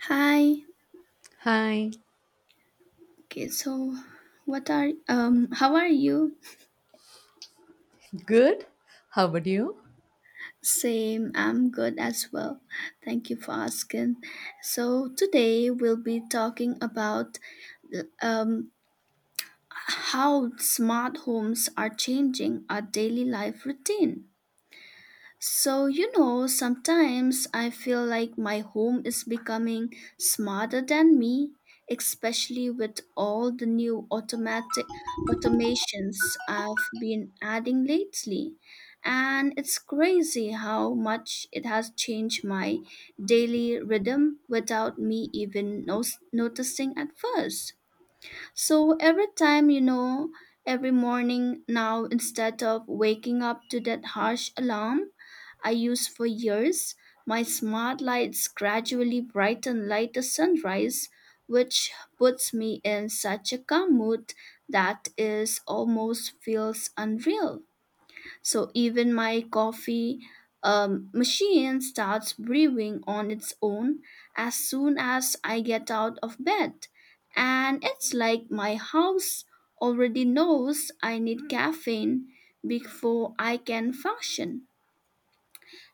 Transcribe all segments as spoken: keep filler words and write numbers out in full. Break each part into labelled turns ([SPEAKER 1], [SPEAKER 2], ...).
[SPEAKER 1] Hi.
[SPEAKER 2] Hi,
[SPEAKER 1] Okay, so what are um how are you?
[SPEAKER 2] good. How about you?
[SPEAKER 1] Same, I'm good as well. Thank you for asking. So today we'll be talking about um how smart homes are changing our daily life routine. So, you know, sometimes I feel like my home is becoming smarter than me, especially with all the new automatic automations I've been adding lately. And it's crazy how much it has changed my daily rhythm without me even no- noticing at first. So every time, you know, every morning now, instead of waking up to that harsh alarm, I used for years. My smart lights gradually brighten like the sunrise, which puts me in such a calm mood that is almost feels unreal. So even my coffee um, machine starts brewing on its own as soon as I get out of bed. And it's like my house already knows I need caffeine before I can function.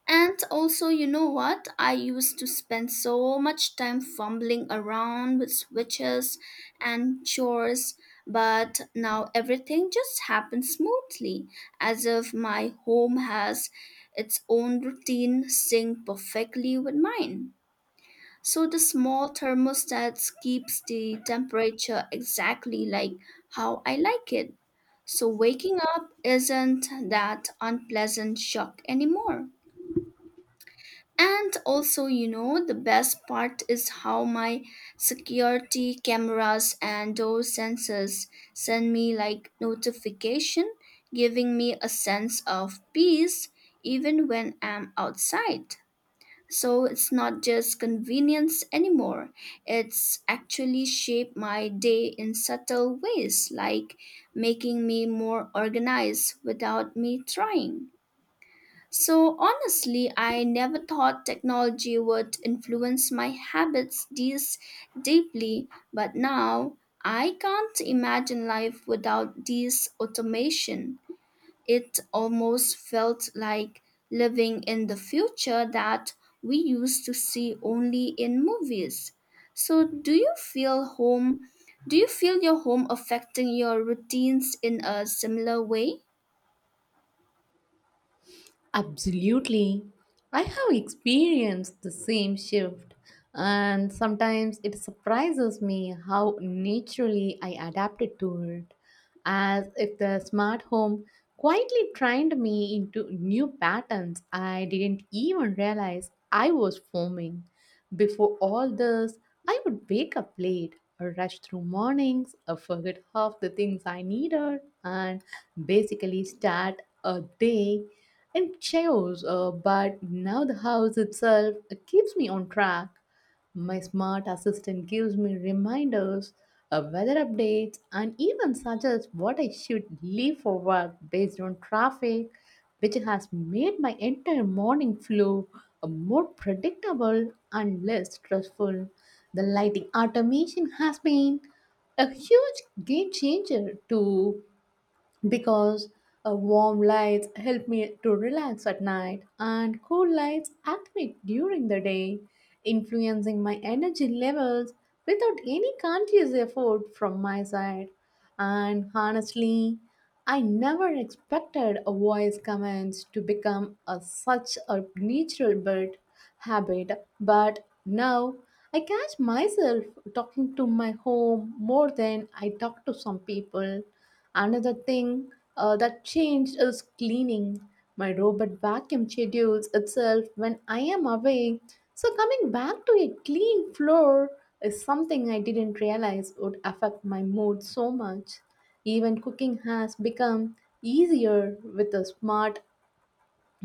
[SPEAKER 1] And also, you know what? I used to spend so much time fumbling around with switches and chores, but now everything just happens smoothly, as if my home has its own routine synced perfectly with mine. So the small thermostat keeps the temperature exactly like how I like it. So waking up isn't that unpleasant shock anymore. And also, you know, the best part is how my security cameras and door sensors send me like notification, giving me a sense of peace even when I'm outside. So it's not just convenience anymore. It's actually shaped my day in subtle ways, like making me more organized without me trying. So honestly, I never thought technology would influence my habits this deeply, but now I can't imagine life without this automation. It almost felt like living in the future that we used to see only in movies. So do you feel home do you feel your home affecting your routines in a similar way?
[SPEAKER 2] Absolutely. I have experienced the same shift, and sometimes it surprises me how naturally I adapted to it, as if the smart home quietly trained me into new patterns I didn't even realize I was forming. Before all this, I would wake up late, rush through mornings, uh, forget half the things I needed, and basically start a day in chaos. Uh, but now the house itself uh, keeps me on track. My smart assistant gives me reminders, uh, weather updates, and even suggests what I should leave for work based on traffic, which has made my entire morning flow uh, more predictable and less stressful. The lighting automation has been a huge game changer too because uh, warm lights help me to relax at night and cool lights activate during the day, influencing my energy levels without any conscious effort from my side. And honestly, I never expected a voice commands to become a, such a natural bit habit, but now I catch myself talking to my home more than I talk to some people. Another thing uh, that changed is cleaning. My robot vacuum schedules itself when I am away. So, coming back to a clean floor is something I didn't realize would affect my mood so much. Even cooking has become easier with a smart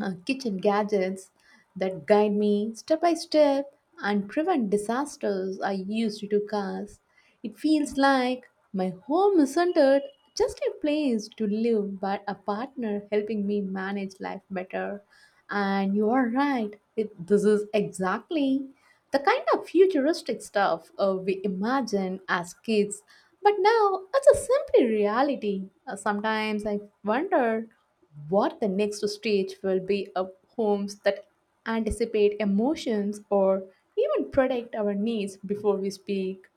[SPEAKER 2] uh, kitchen gadgets that guide me step by step and prevent disasters I used to cause. It feels like my home isn't it just a place to live, but a partner helping me manage life better. And you are right, it, this is exactly the kind of futuristic stuff uh, we imagine as kids. But now it's a simple reality. Uh, sometimes I wonder what the next stage will be of homes that anticipate emotions or even predict our needs before we speak.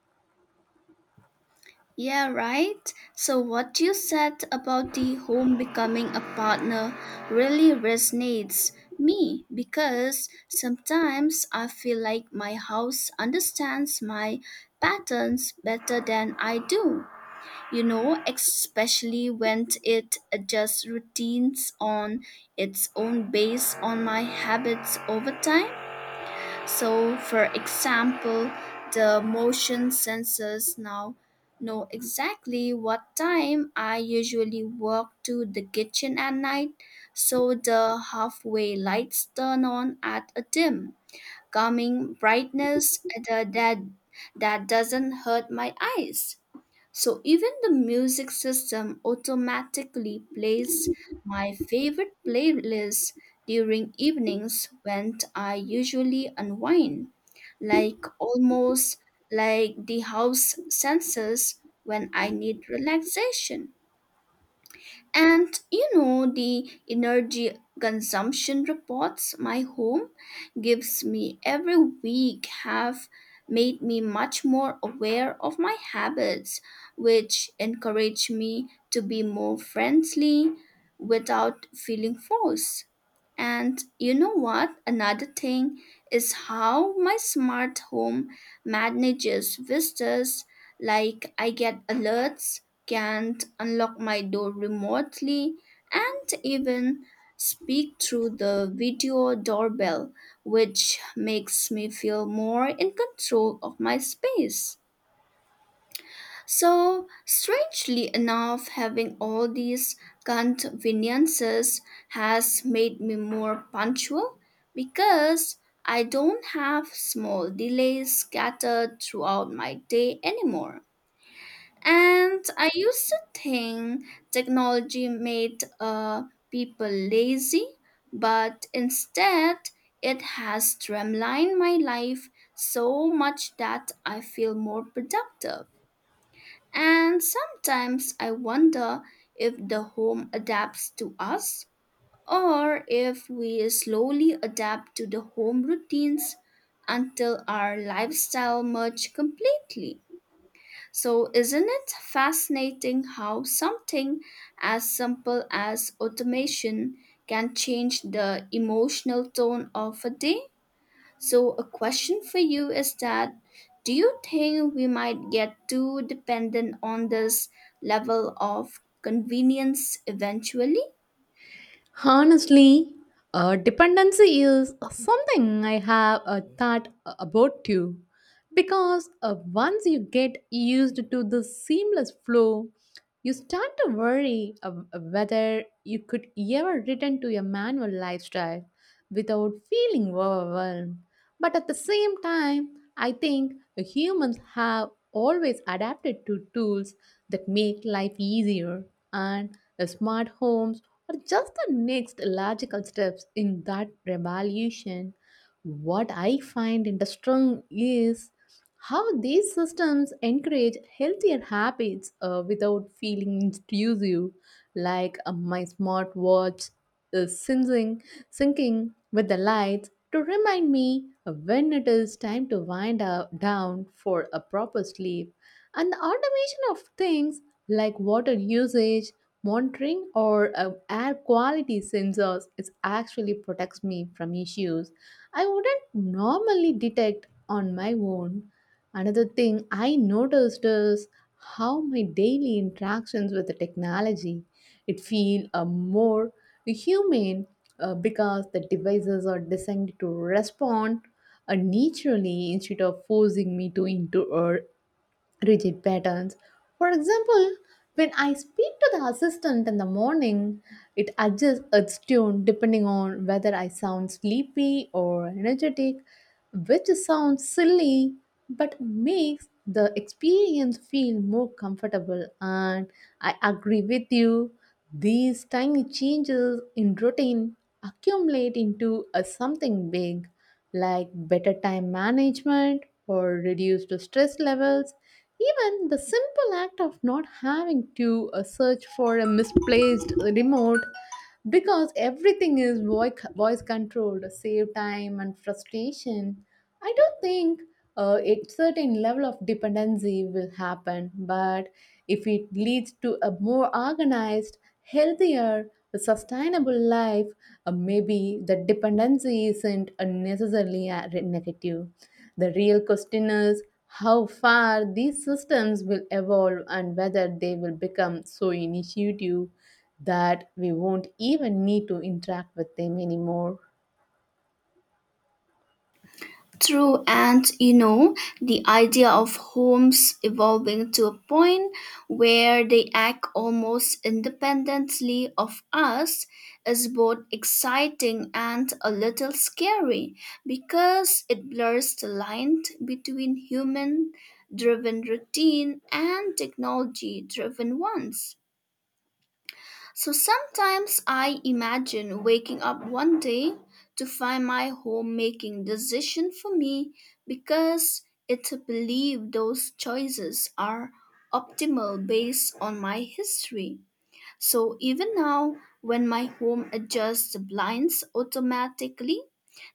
[SPEAKER 1] Yeah, right. So, what you said about the home becoming a partner really resonates me because sometimes I feel like my house understands my patterns better than I do. You know, especially when it adjusts routines on its own based on my habits over time. So, for example, the motion sensors now know exactly what time I usually walk to the kitchen at night, so the halfway lights turn on at a dim, calming brightness that, that, that doesn't hurt my eyes. So even the music system automatically plays my favorite playlist during evenings when I usually unwind, like almost like the house senses when I need relaxation. And you know, the energy consumption reports my home gives me every week have made me much more aware of my habits, which encourage me to be more friendly without feeling forced. And you know what? Another thing is how my smart home manages visitors. Like I get alerts, can unlock my door remotely, and even speak through the video doorbell, which makes me feel more in control of my space. So, strangely enough, having all these conveniences has made me more punctual because I don't have small delays scattered throughout my day anymore. And I used to think technology made uh, people lazy, but instead, it has streamlined my life so much that I feel more productive. And sometimes I wonder if the home adapts to us or if we slowly adapt to the home routines until our lifestyle merge completely. So isn't it fascinating how something as simple as automation can change the emotional tone of a day? So, a question for you is that do you think we might get too dependent on this level of convenience eventually?
[SPEAKER 2] Honestly, uh, dependency is something I have uh, thought about too. Because uh, once you get used to the seamless flow, you start to worry of uh, whether you could ever return to your manual lifestyle without feeling overwhelmed. But at the same time, I think humans have always adapted to tools that make life easier, and the smart homes are just the next logical steps in that revolution. What I find interesting is how these systems encourage healthier habits uh, without feeling intrusive, like uh, my smartwatch is syncing, syncing with the lights to remind me when it is time to wind up, down for a proper sleep, and the automation of things like water usage monitoring or uh, air quality sensors it actually protects me from issues I wouldn't normally detect on my own. Another thing I noticed is how my daily interactions with the technology it feel uh, more human uh, because the devices are designed to respond uh, naturally instead of forcing me to into uh, rigid patterns. For example, when I speak to the assistant in the morning, it adjusts its tune depending on whether I sound sleepy or energetic, which sounds silly but makes the experience feel more comfortable. And I agree with you, these tiny changes in routine accumulate into a something big like better time management or reduced stress levels. Even the simple act of not having to uh, search for a misplaced remote because everything is voice, voice controlled save time and frustration. I don't think uh, a certain level of dependency will happen. But if it leads to a more organized, healthier, sustainable life, uh, maybe the dependency isn't a necessarily a re- negative. The real question is how far these systems will evolve and whether they will become so initiative that we won't even need to interact with them anymore.
[SPEAKER 1] True, and you know, the idea of homes evolving to a point where they act almost independently of us is both exciting and a little scary because it blurs the line between human driven routine and technology driven ones. So sometimes I imagine waking up one day to find my home making decision for me because it believe those choices are optimal based on my history. So even now when my home adjusts the blinds automatically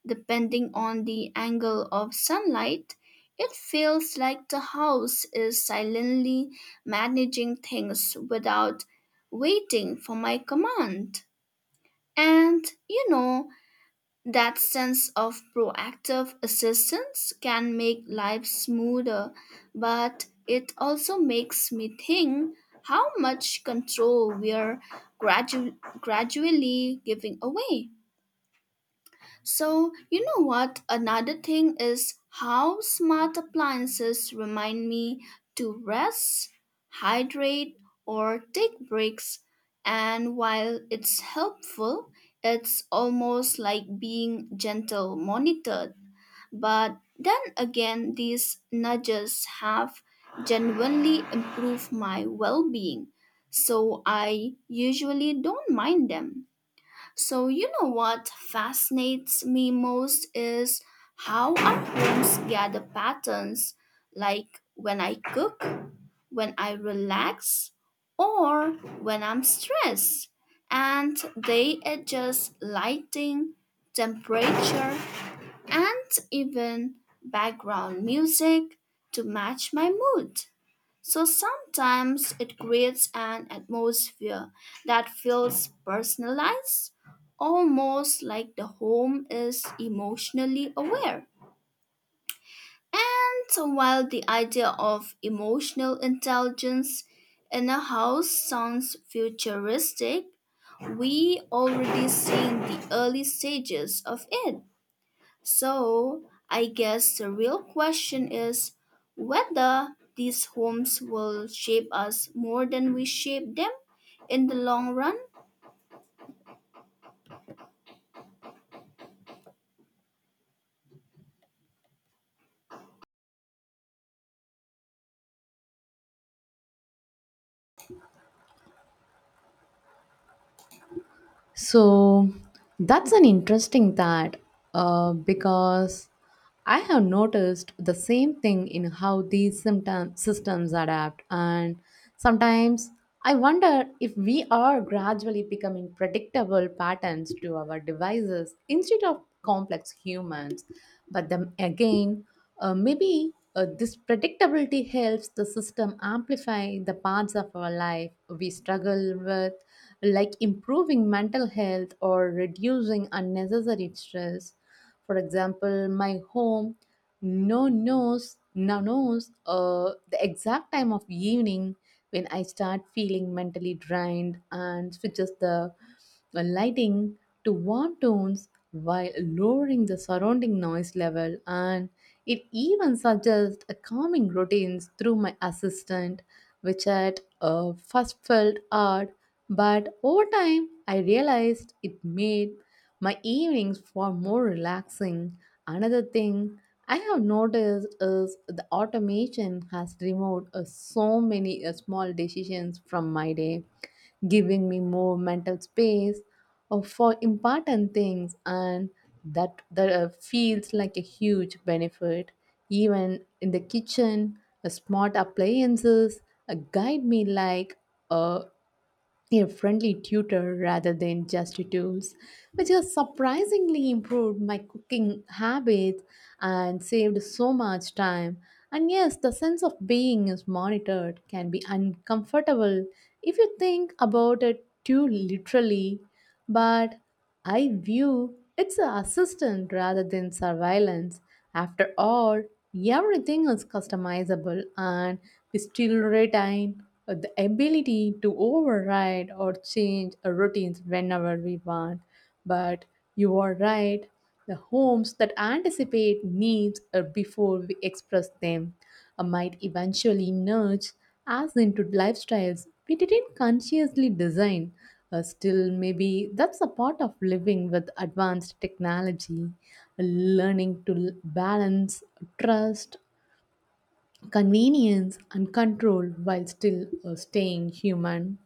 [SPEAKER 1] depending on the angle of sunlight, it feels like the house is silently managing things without waiting for my command. And you know, that sense of proactive assistance can make life smoother, but it also makes me think how much control we're gradu- gradually giving away. So, you know what? Another thing is how smart appliances remind me to rest, hydrate, or take breaks. And while it's helpful, it's almost like being gentle monitored. But then again, these nudges have genuinely improved my well being, so I usually don't mind them. So, you know what fascinates me most is how our homes gather patterns like when I cook, when I relax, or when I'm stressed. And they adjust lighting, temperature, and even background music to match my mood. So sometimes it creates an atmosphere that feels personalized, almost like the home is emotionally aware. And so while the idea of emotional intelligence in a house sounds futuristic, we already seeing the early stages of it. So, I guess the real question is whether these homes will shape us more than we shape them in the long run.
[SPEAKER 2] So that's an interesting that uh, because I have noticed the same thing in how these symptom- systems adapt, and sometimes I wonder if we are gradually becoming predictable patterns to our devices instead of complex humans. But then again, uh, maybe uh, this predictability helps the system amplify the parts of our life we struggle with, like improving mental health or reducing unnecessary stress. For example, my home no knows now knows uh, the exact time of evening when I start feeling mentally drained and switches the uh, lighting to warm tones while lowering the surrounding noise level, and it even suggests a calming routines through my assistant, which at uh, first felt odd, but over time I realized it made my evenings far more relaxing. Another thing I have noticed is the automation has removed uh, so many uh, small decisions from my day, giving me more mental space uh, for important things, and that that uh, feels like a huge benefit. Even in the kitchen, a smart appliances a guide me like a, a friendly tutor rather than just tools, which has surprisingly improved my cooking habits and saved so much time. And yes, the sense of being is monitored can be uncomfortable if you think about it too literally, but I view it's an assistant rather than surveillance. After all, everything is customizable and we still retain the ability to override or change our routines whenever we want. But you are right, the homes that anticipate needs are before we express them uh, might eventually nudge us into lifestyles we didn't consciously design. Uh, still, maybe that's a part of living with advanced technology, learning to l- balance trust, convenience, and control while still uh, staying human.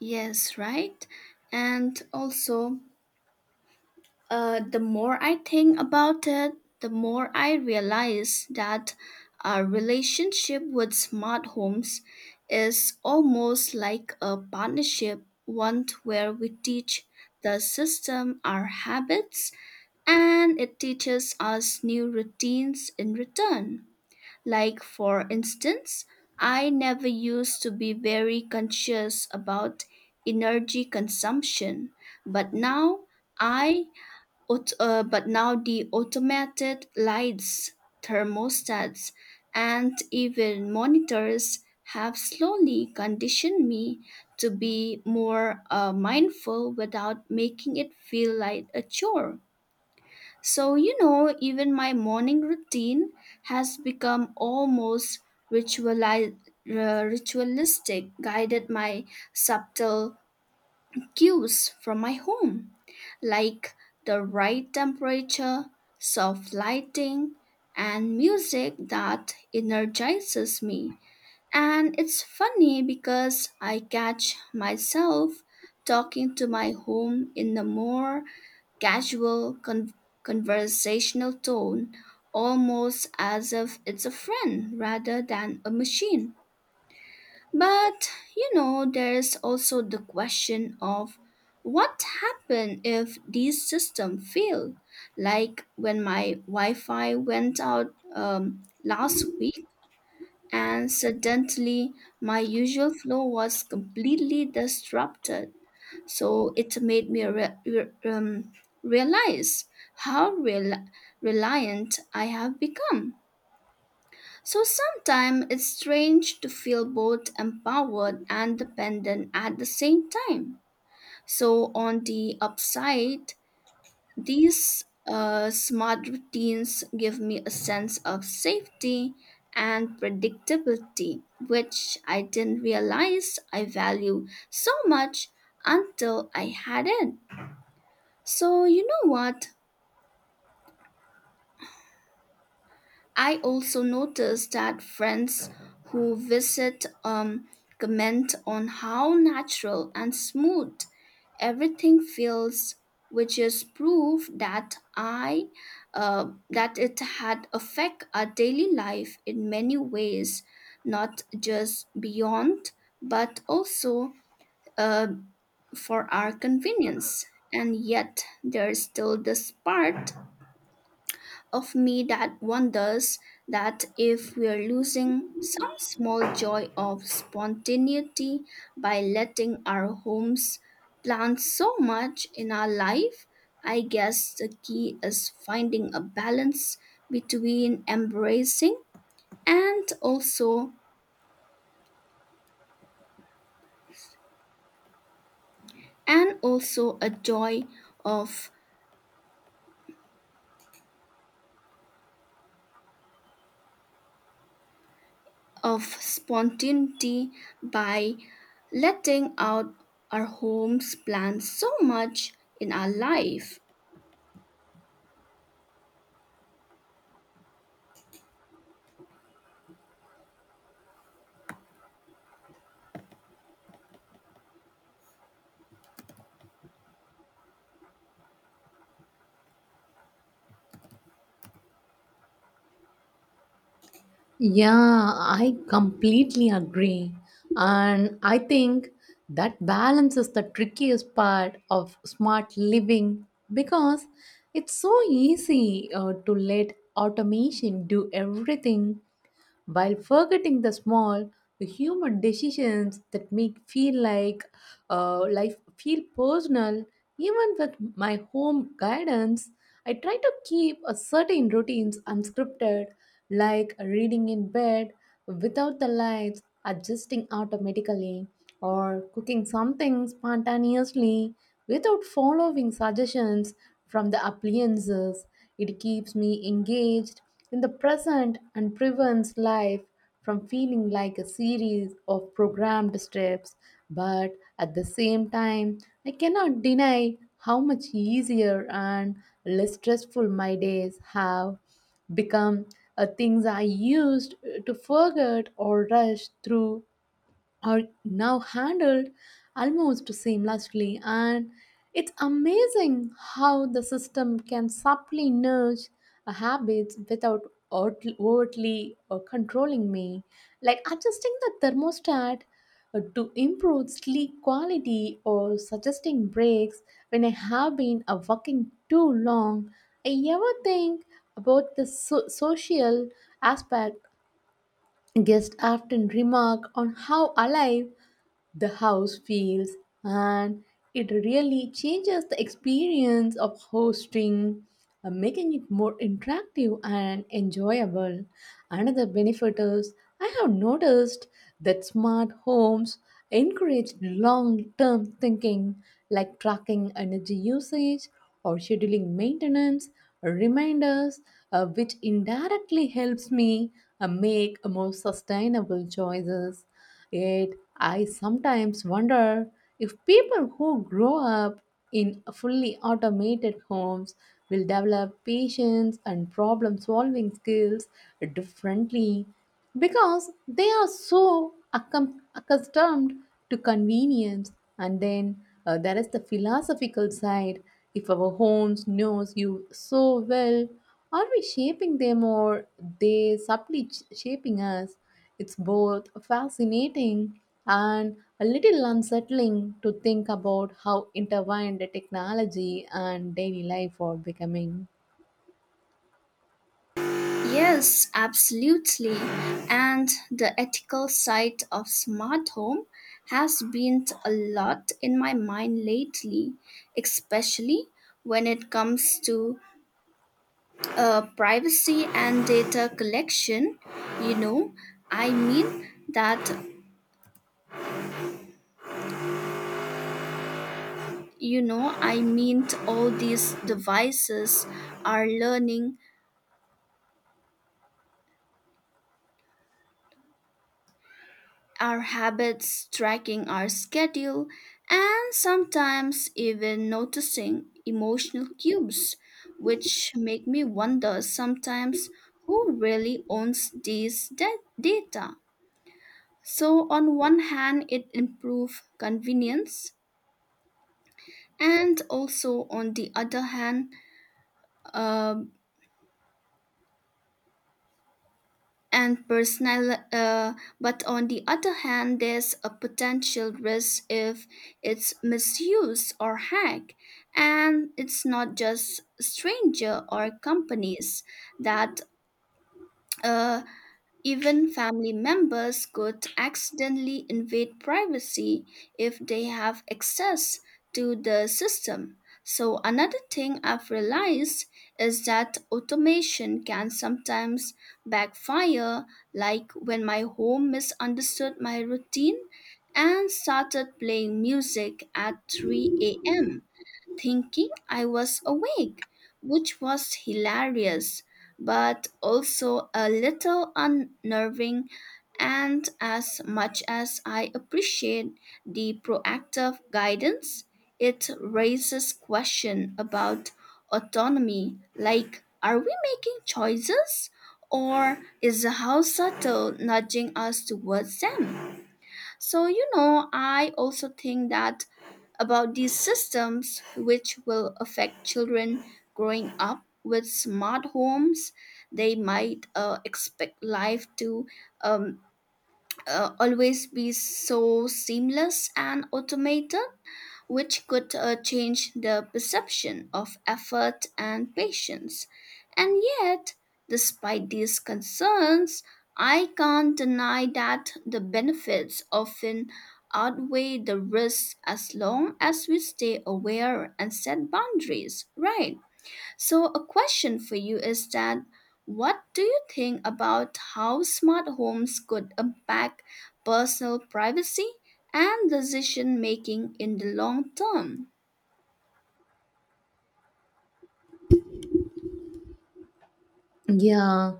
[SPEAKER 1] Yes, right? And also, Uh, the more I think about it, the more I realize that our relationship with smart homes is almost like a partnership, one where we teach the system our habits and it teaches us new routines in return. Like, for instance, I never used to be very conscious about energy consumption, but now I Aut- uh, but now the automated lights, thermostats, and even monitors have slowly conditioned me to be more uh, mindful without making it feel like a chore. So, you know, even my morning routine has become almost rituali- uh, ritualistic, guided by subtle cues from my home, like the right temperature, soft lighting, and music that energizes me. And it's funny because I catch myself talking to my home in a more casual con- conversational tone, almost as if it's a friend rather than a machine. But, you know, there's also the question of what happens if these systems fail? Like when my Wi-Fi went out um, last week and suddenly my usual flow was completely disrupted. So it made me re- re- um, realize how rel- reliant I have become. So sometimes it's strange to feel both empowered and dependent at the same time. So on the upside, these uh, smart routines give me a sense of safety and predictability, which I didn't realize I value so much until I had it. So you know what? I also noticed that friends who visit um, comment on how natural and smooth everything feels, which is proof that I uh, that it had affect our daily life in many ways, not just beyond, but also uh, for our convenience. And yet, there is still this part of me that wonders that if we're losing some small joy of spontaneity by letting our homes plan so much in our life, I guess the key is finding a balance between embracing and also and also a joy of of spontaneity by letting out our homes plan so much in our life.
[SPEAKER 2] Yeah, I completely agree. And I think that balance is the trickiest part of smart living because it's so easy uh, to let automation do everything while forgetting the small, the human decisions that make feel like uh, life feel personal. Even with my home guidance, I try to keep a certain routines unscripted, like reading in bed without the lights adjusting automatically, or cooking something spontaneously without following suggestions from the appliances. It keeps me engaged in the present and prevents life from feeling like a series of programmed steps. But at the same time, I cannot deny how much easier and less stressful my days have become. Uh, things I used to forget or rush through are now handled almost seamlessly, and it's amazing how the system can subtly nudge a habits without outl- overtly uh, controlling me, like adjusting the thermostat uh, to improve sleep quality or suggesting breaks when I have been uh, working too long. I ever think about the so- social aspect. Guests often remark on how alive the house feels, and it really changes the experience of hosting, uh, making it more interactive and enjoyable. Another benefit is I have noticed that smart homes encourage long-term thinking, like tracking energy usage or scheduling maintenance reminders, uh, which indirectly helps me uh, make more sustainable choices. Yet, I sometimes wonder if people who grow up in fully automated homes will develop patience and problem solving skills differently because they are so accum- accustomed to convenience. And then uh, there is the philosophical side: if our homes knows you so well, are we shaping them or they subtly ch- shaping us? It's both fascinating and a little unsettling to think about how intertwined technology and daily life are becoming.
[SPEAKER 1] Yes, absolutely. And the ethical side of smart home has been a lot in my mind lately, especially when it comes to uh, privacy and data collection. You know, I mean that, you know, I mean all these devices are learning our habits, tracking our schedule, and sometimes even noticing emotional cues, which make me wonder sometimes who really owns these da- data. So, on one hand, it improves convenience, and also on the other hand, uh, and personal uh, but on the other hand there's a potential risk if it's misused or hacked and it's not just stranger or companies that uh, even family members could accidentally invade privacy if they have access to the system. So, another thing I've realized is that automation can sometimes backfire, like when my home misunderstood my routine and started playing music at three a m a.m thinking I was awake, which was hilarious, but also a little unnerving. And as much as I appreciate the proactive guidance, it raises question about autonomy like are we making choices or is the house subtle nudging us towards them? So, you know, I also think that about these systems which will affect children growing up with smart homes. They might uh, expect life to um, uh, always be so seamless and automated which could uh, change the perception of effort and patience. And yet, despite these concerns, I can't deny that the benefits often outweigh the risks as long as we stay aware and set boundaries, right? So, a question for you is that what do you think about how smart homes could impact personal privacy and decision making in the long term?
[SPEAKER 2] Yeah.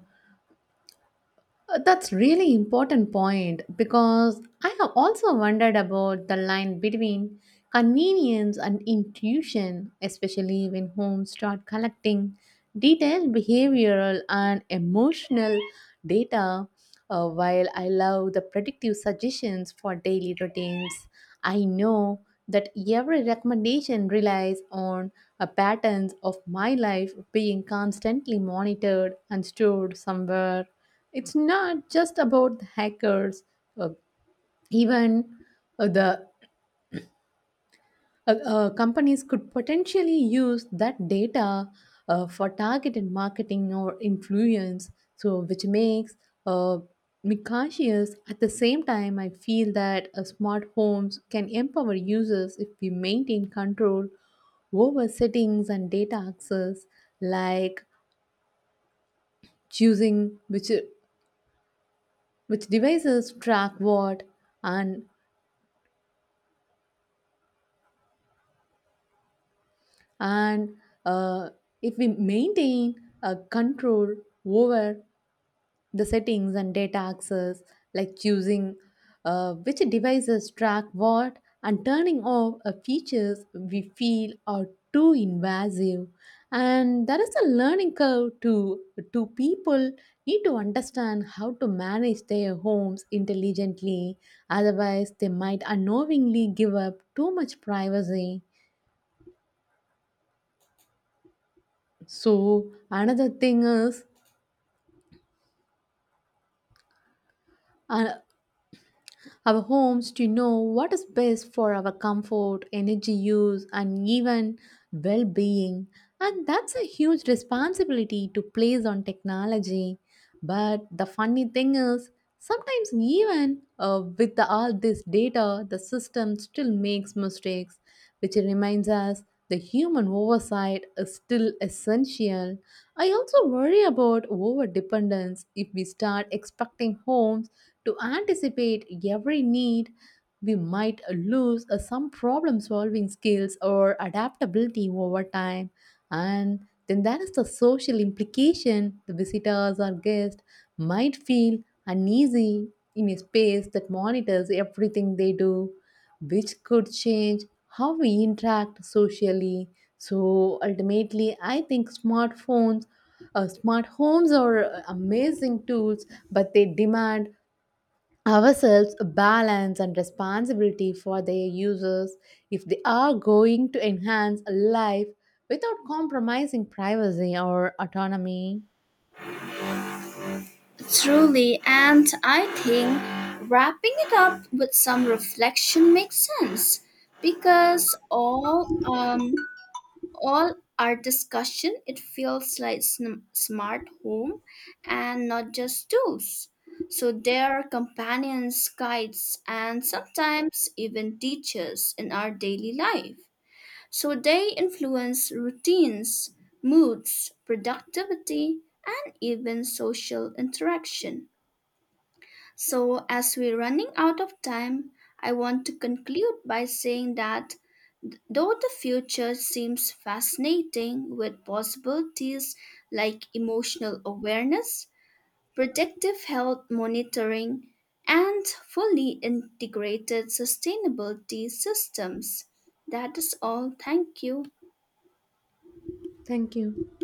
[SPEAKER 2] Uh, That's really important point because I have also wondered about the line between convenience and intuition, especially when homes start collecting detailed behavioral and emotional data. Uh, while I love the predictive suggestions for daily routines, I know that every recommendation relies on a patterns of my life being constantly monitored and stored somewhere. It's not just about the hackers. Uh, even uh, the uh, uh, companies could potentially use that data uh, for targeted marketing or influence, so which makes uh, me cautious. At the same time, I feel that uh, smart homes can empower users if we maintain control over settings and data access, like choosing which which devices track what and and uh, if we maintain a control over the settings and data access, like choosing uh, which devices track what, and turning off uh, features we feel are too invasive. And there is a learning curve to to people need to understand how to manage their homes intelligently, otherwise they might unknowingly give up too much privacy. So another thing is uh, our homes to know what is best for our comfort, energy use, and even well being. And that's a huge responsibility to place on technology. But the funny thing is, sometimes even uh, with the, all this data, the system still makes mistakes, which reminds us the human oversight is still essential. I also worry about over dependence. If we start expecting homes to anticipate every need, we might lose uh, some problem solving skills or adaptability over time. And then there is the social implication: the visitors or guests might feel uneasy in a space that monitors everything they do, which could change how we interact socially. So ultimately, I think smartphones, uh, smart homes are uh, amazing tools, but they demand ourselves a balance and responsibility for their users if they are going to enhance a life without compromising privacy or autonomy.
[SPEAKER 1] Truly, and I think wrapping it up with some reflection makes sense because all um, all our discussion, it feels like sn- smart home and not just tools. So they are companions, guides, and sometimes even teachers in our daily life. So they influence routines, moods, productivity, and even social interaction. So as we're running out of time, I want to conclude by saying that though the future seems fascinating with possibilities like emotional awareness, predictive health monitoring, and fully integrated sustainability systems. That is all. Thank you.
[SPEAKER 2] Thank you.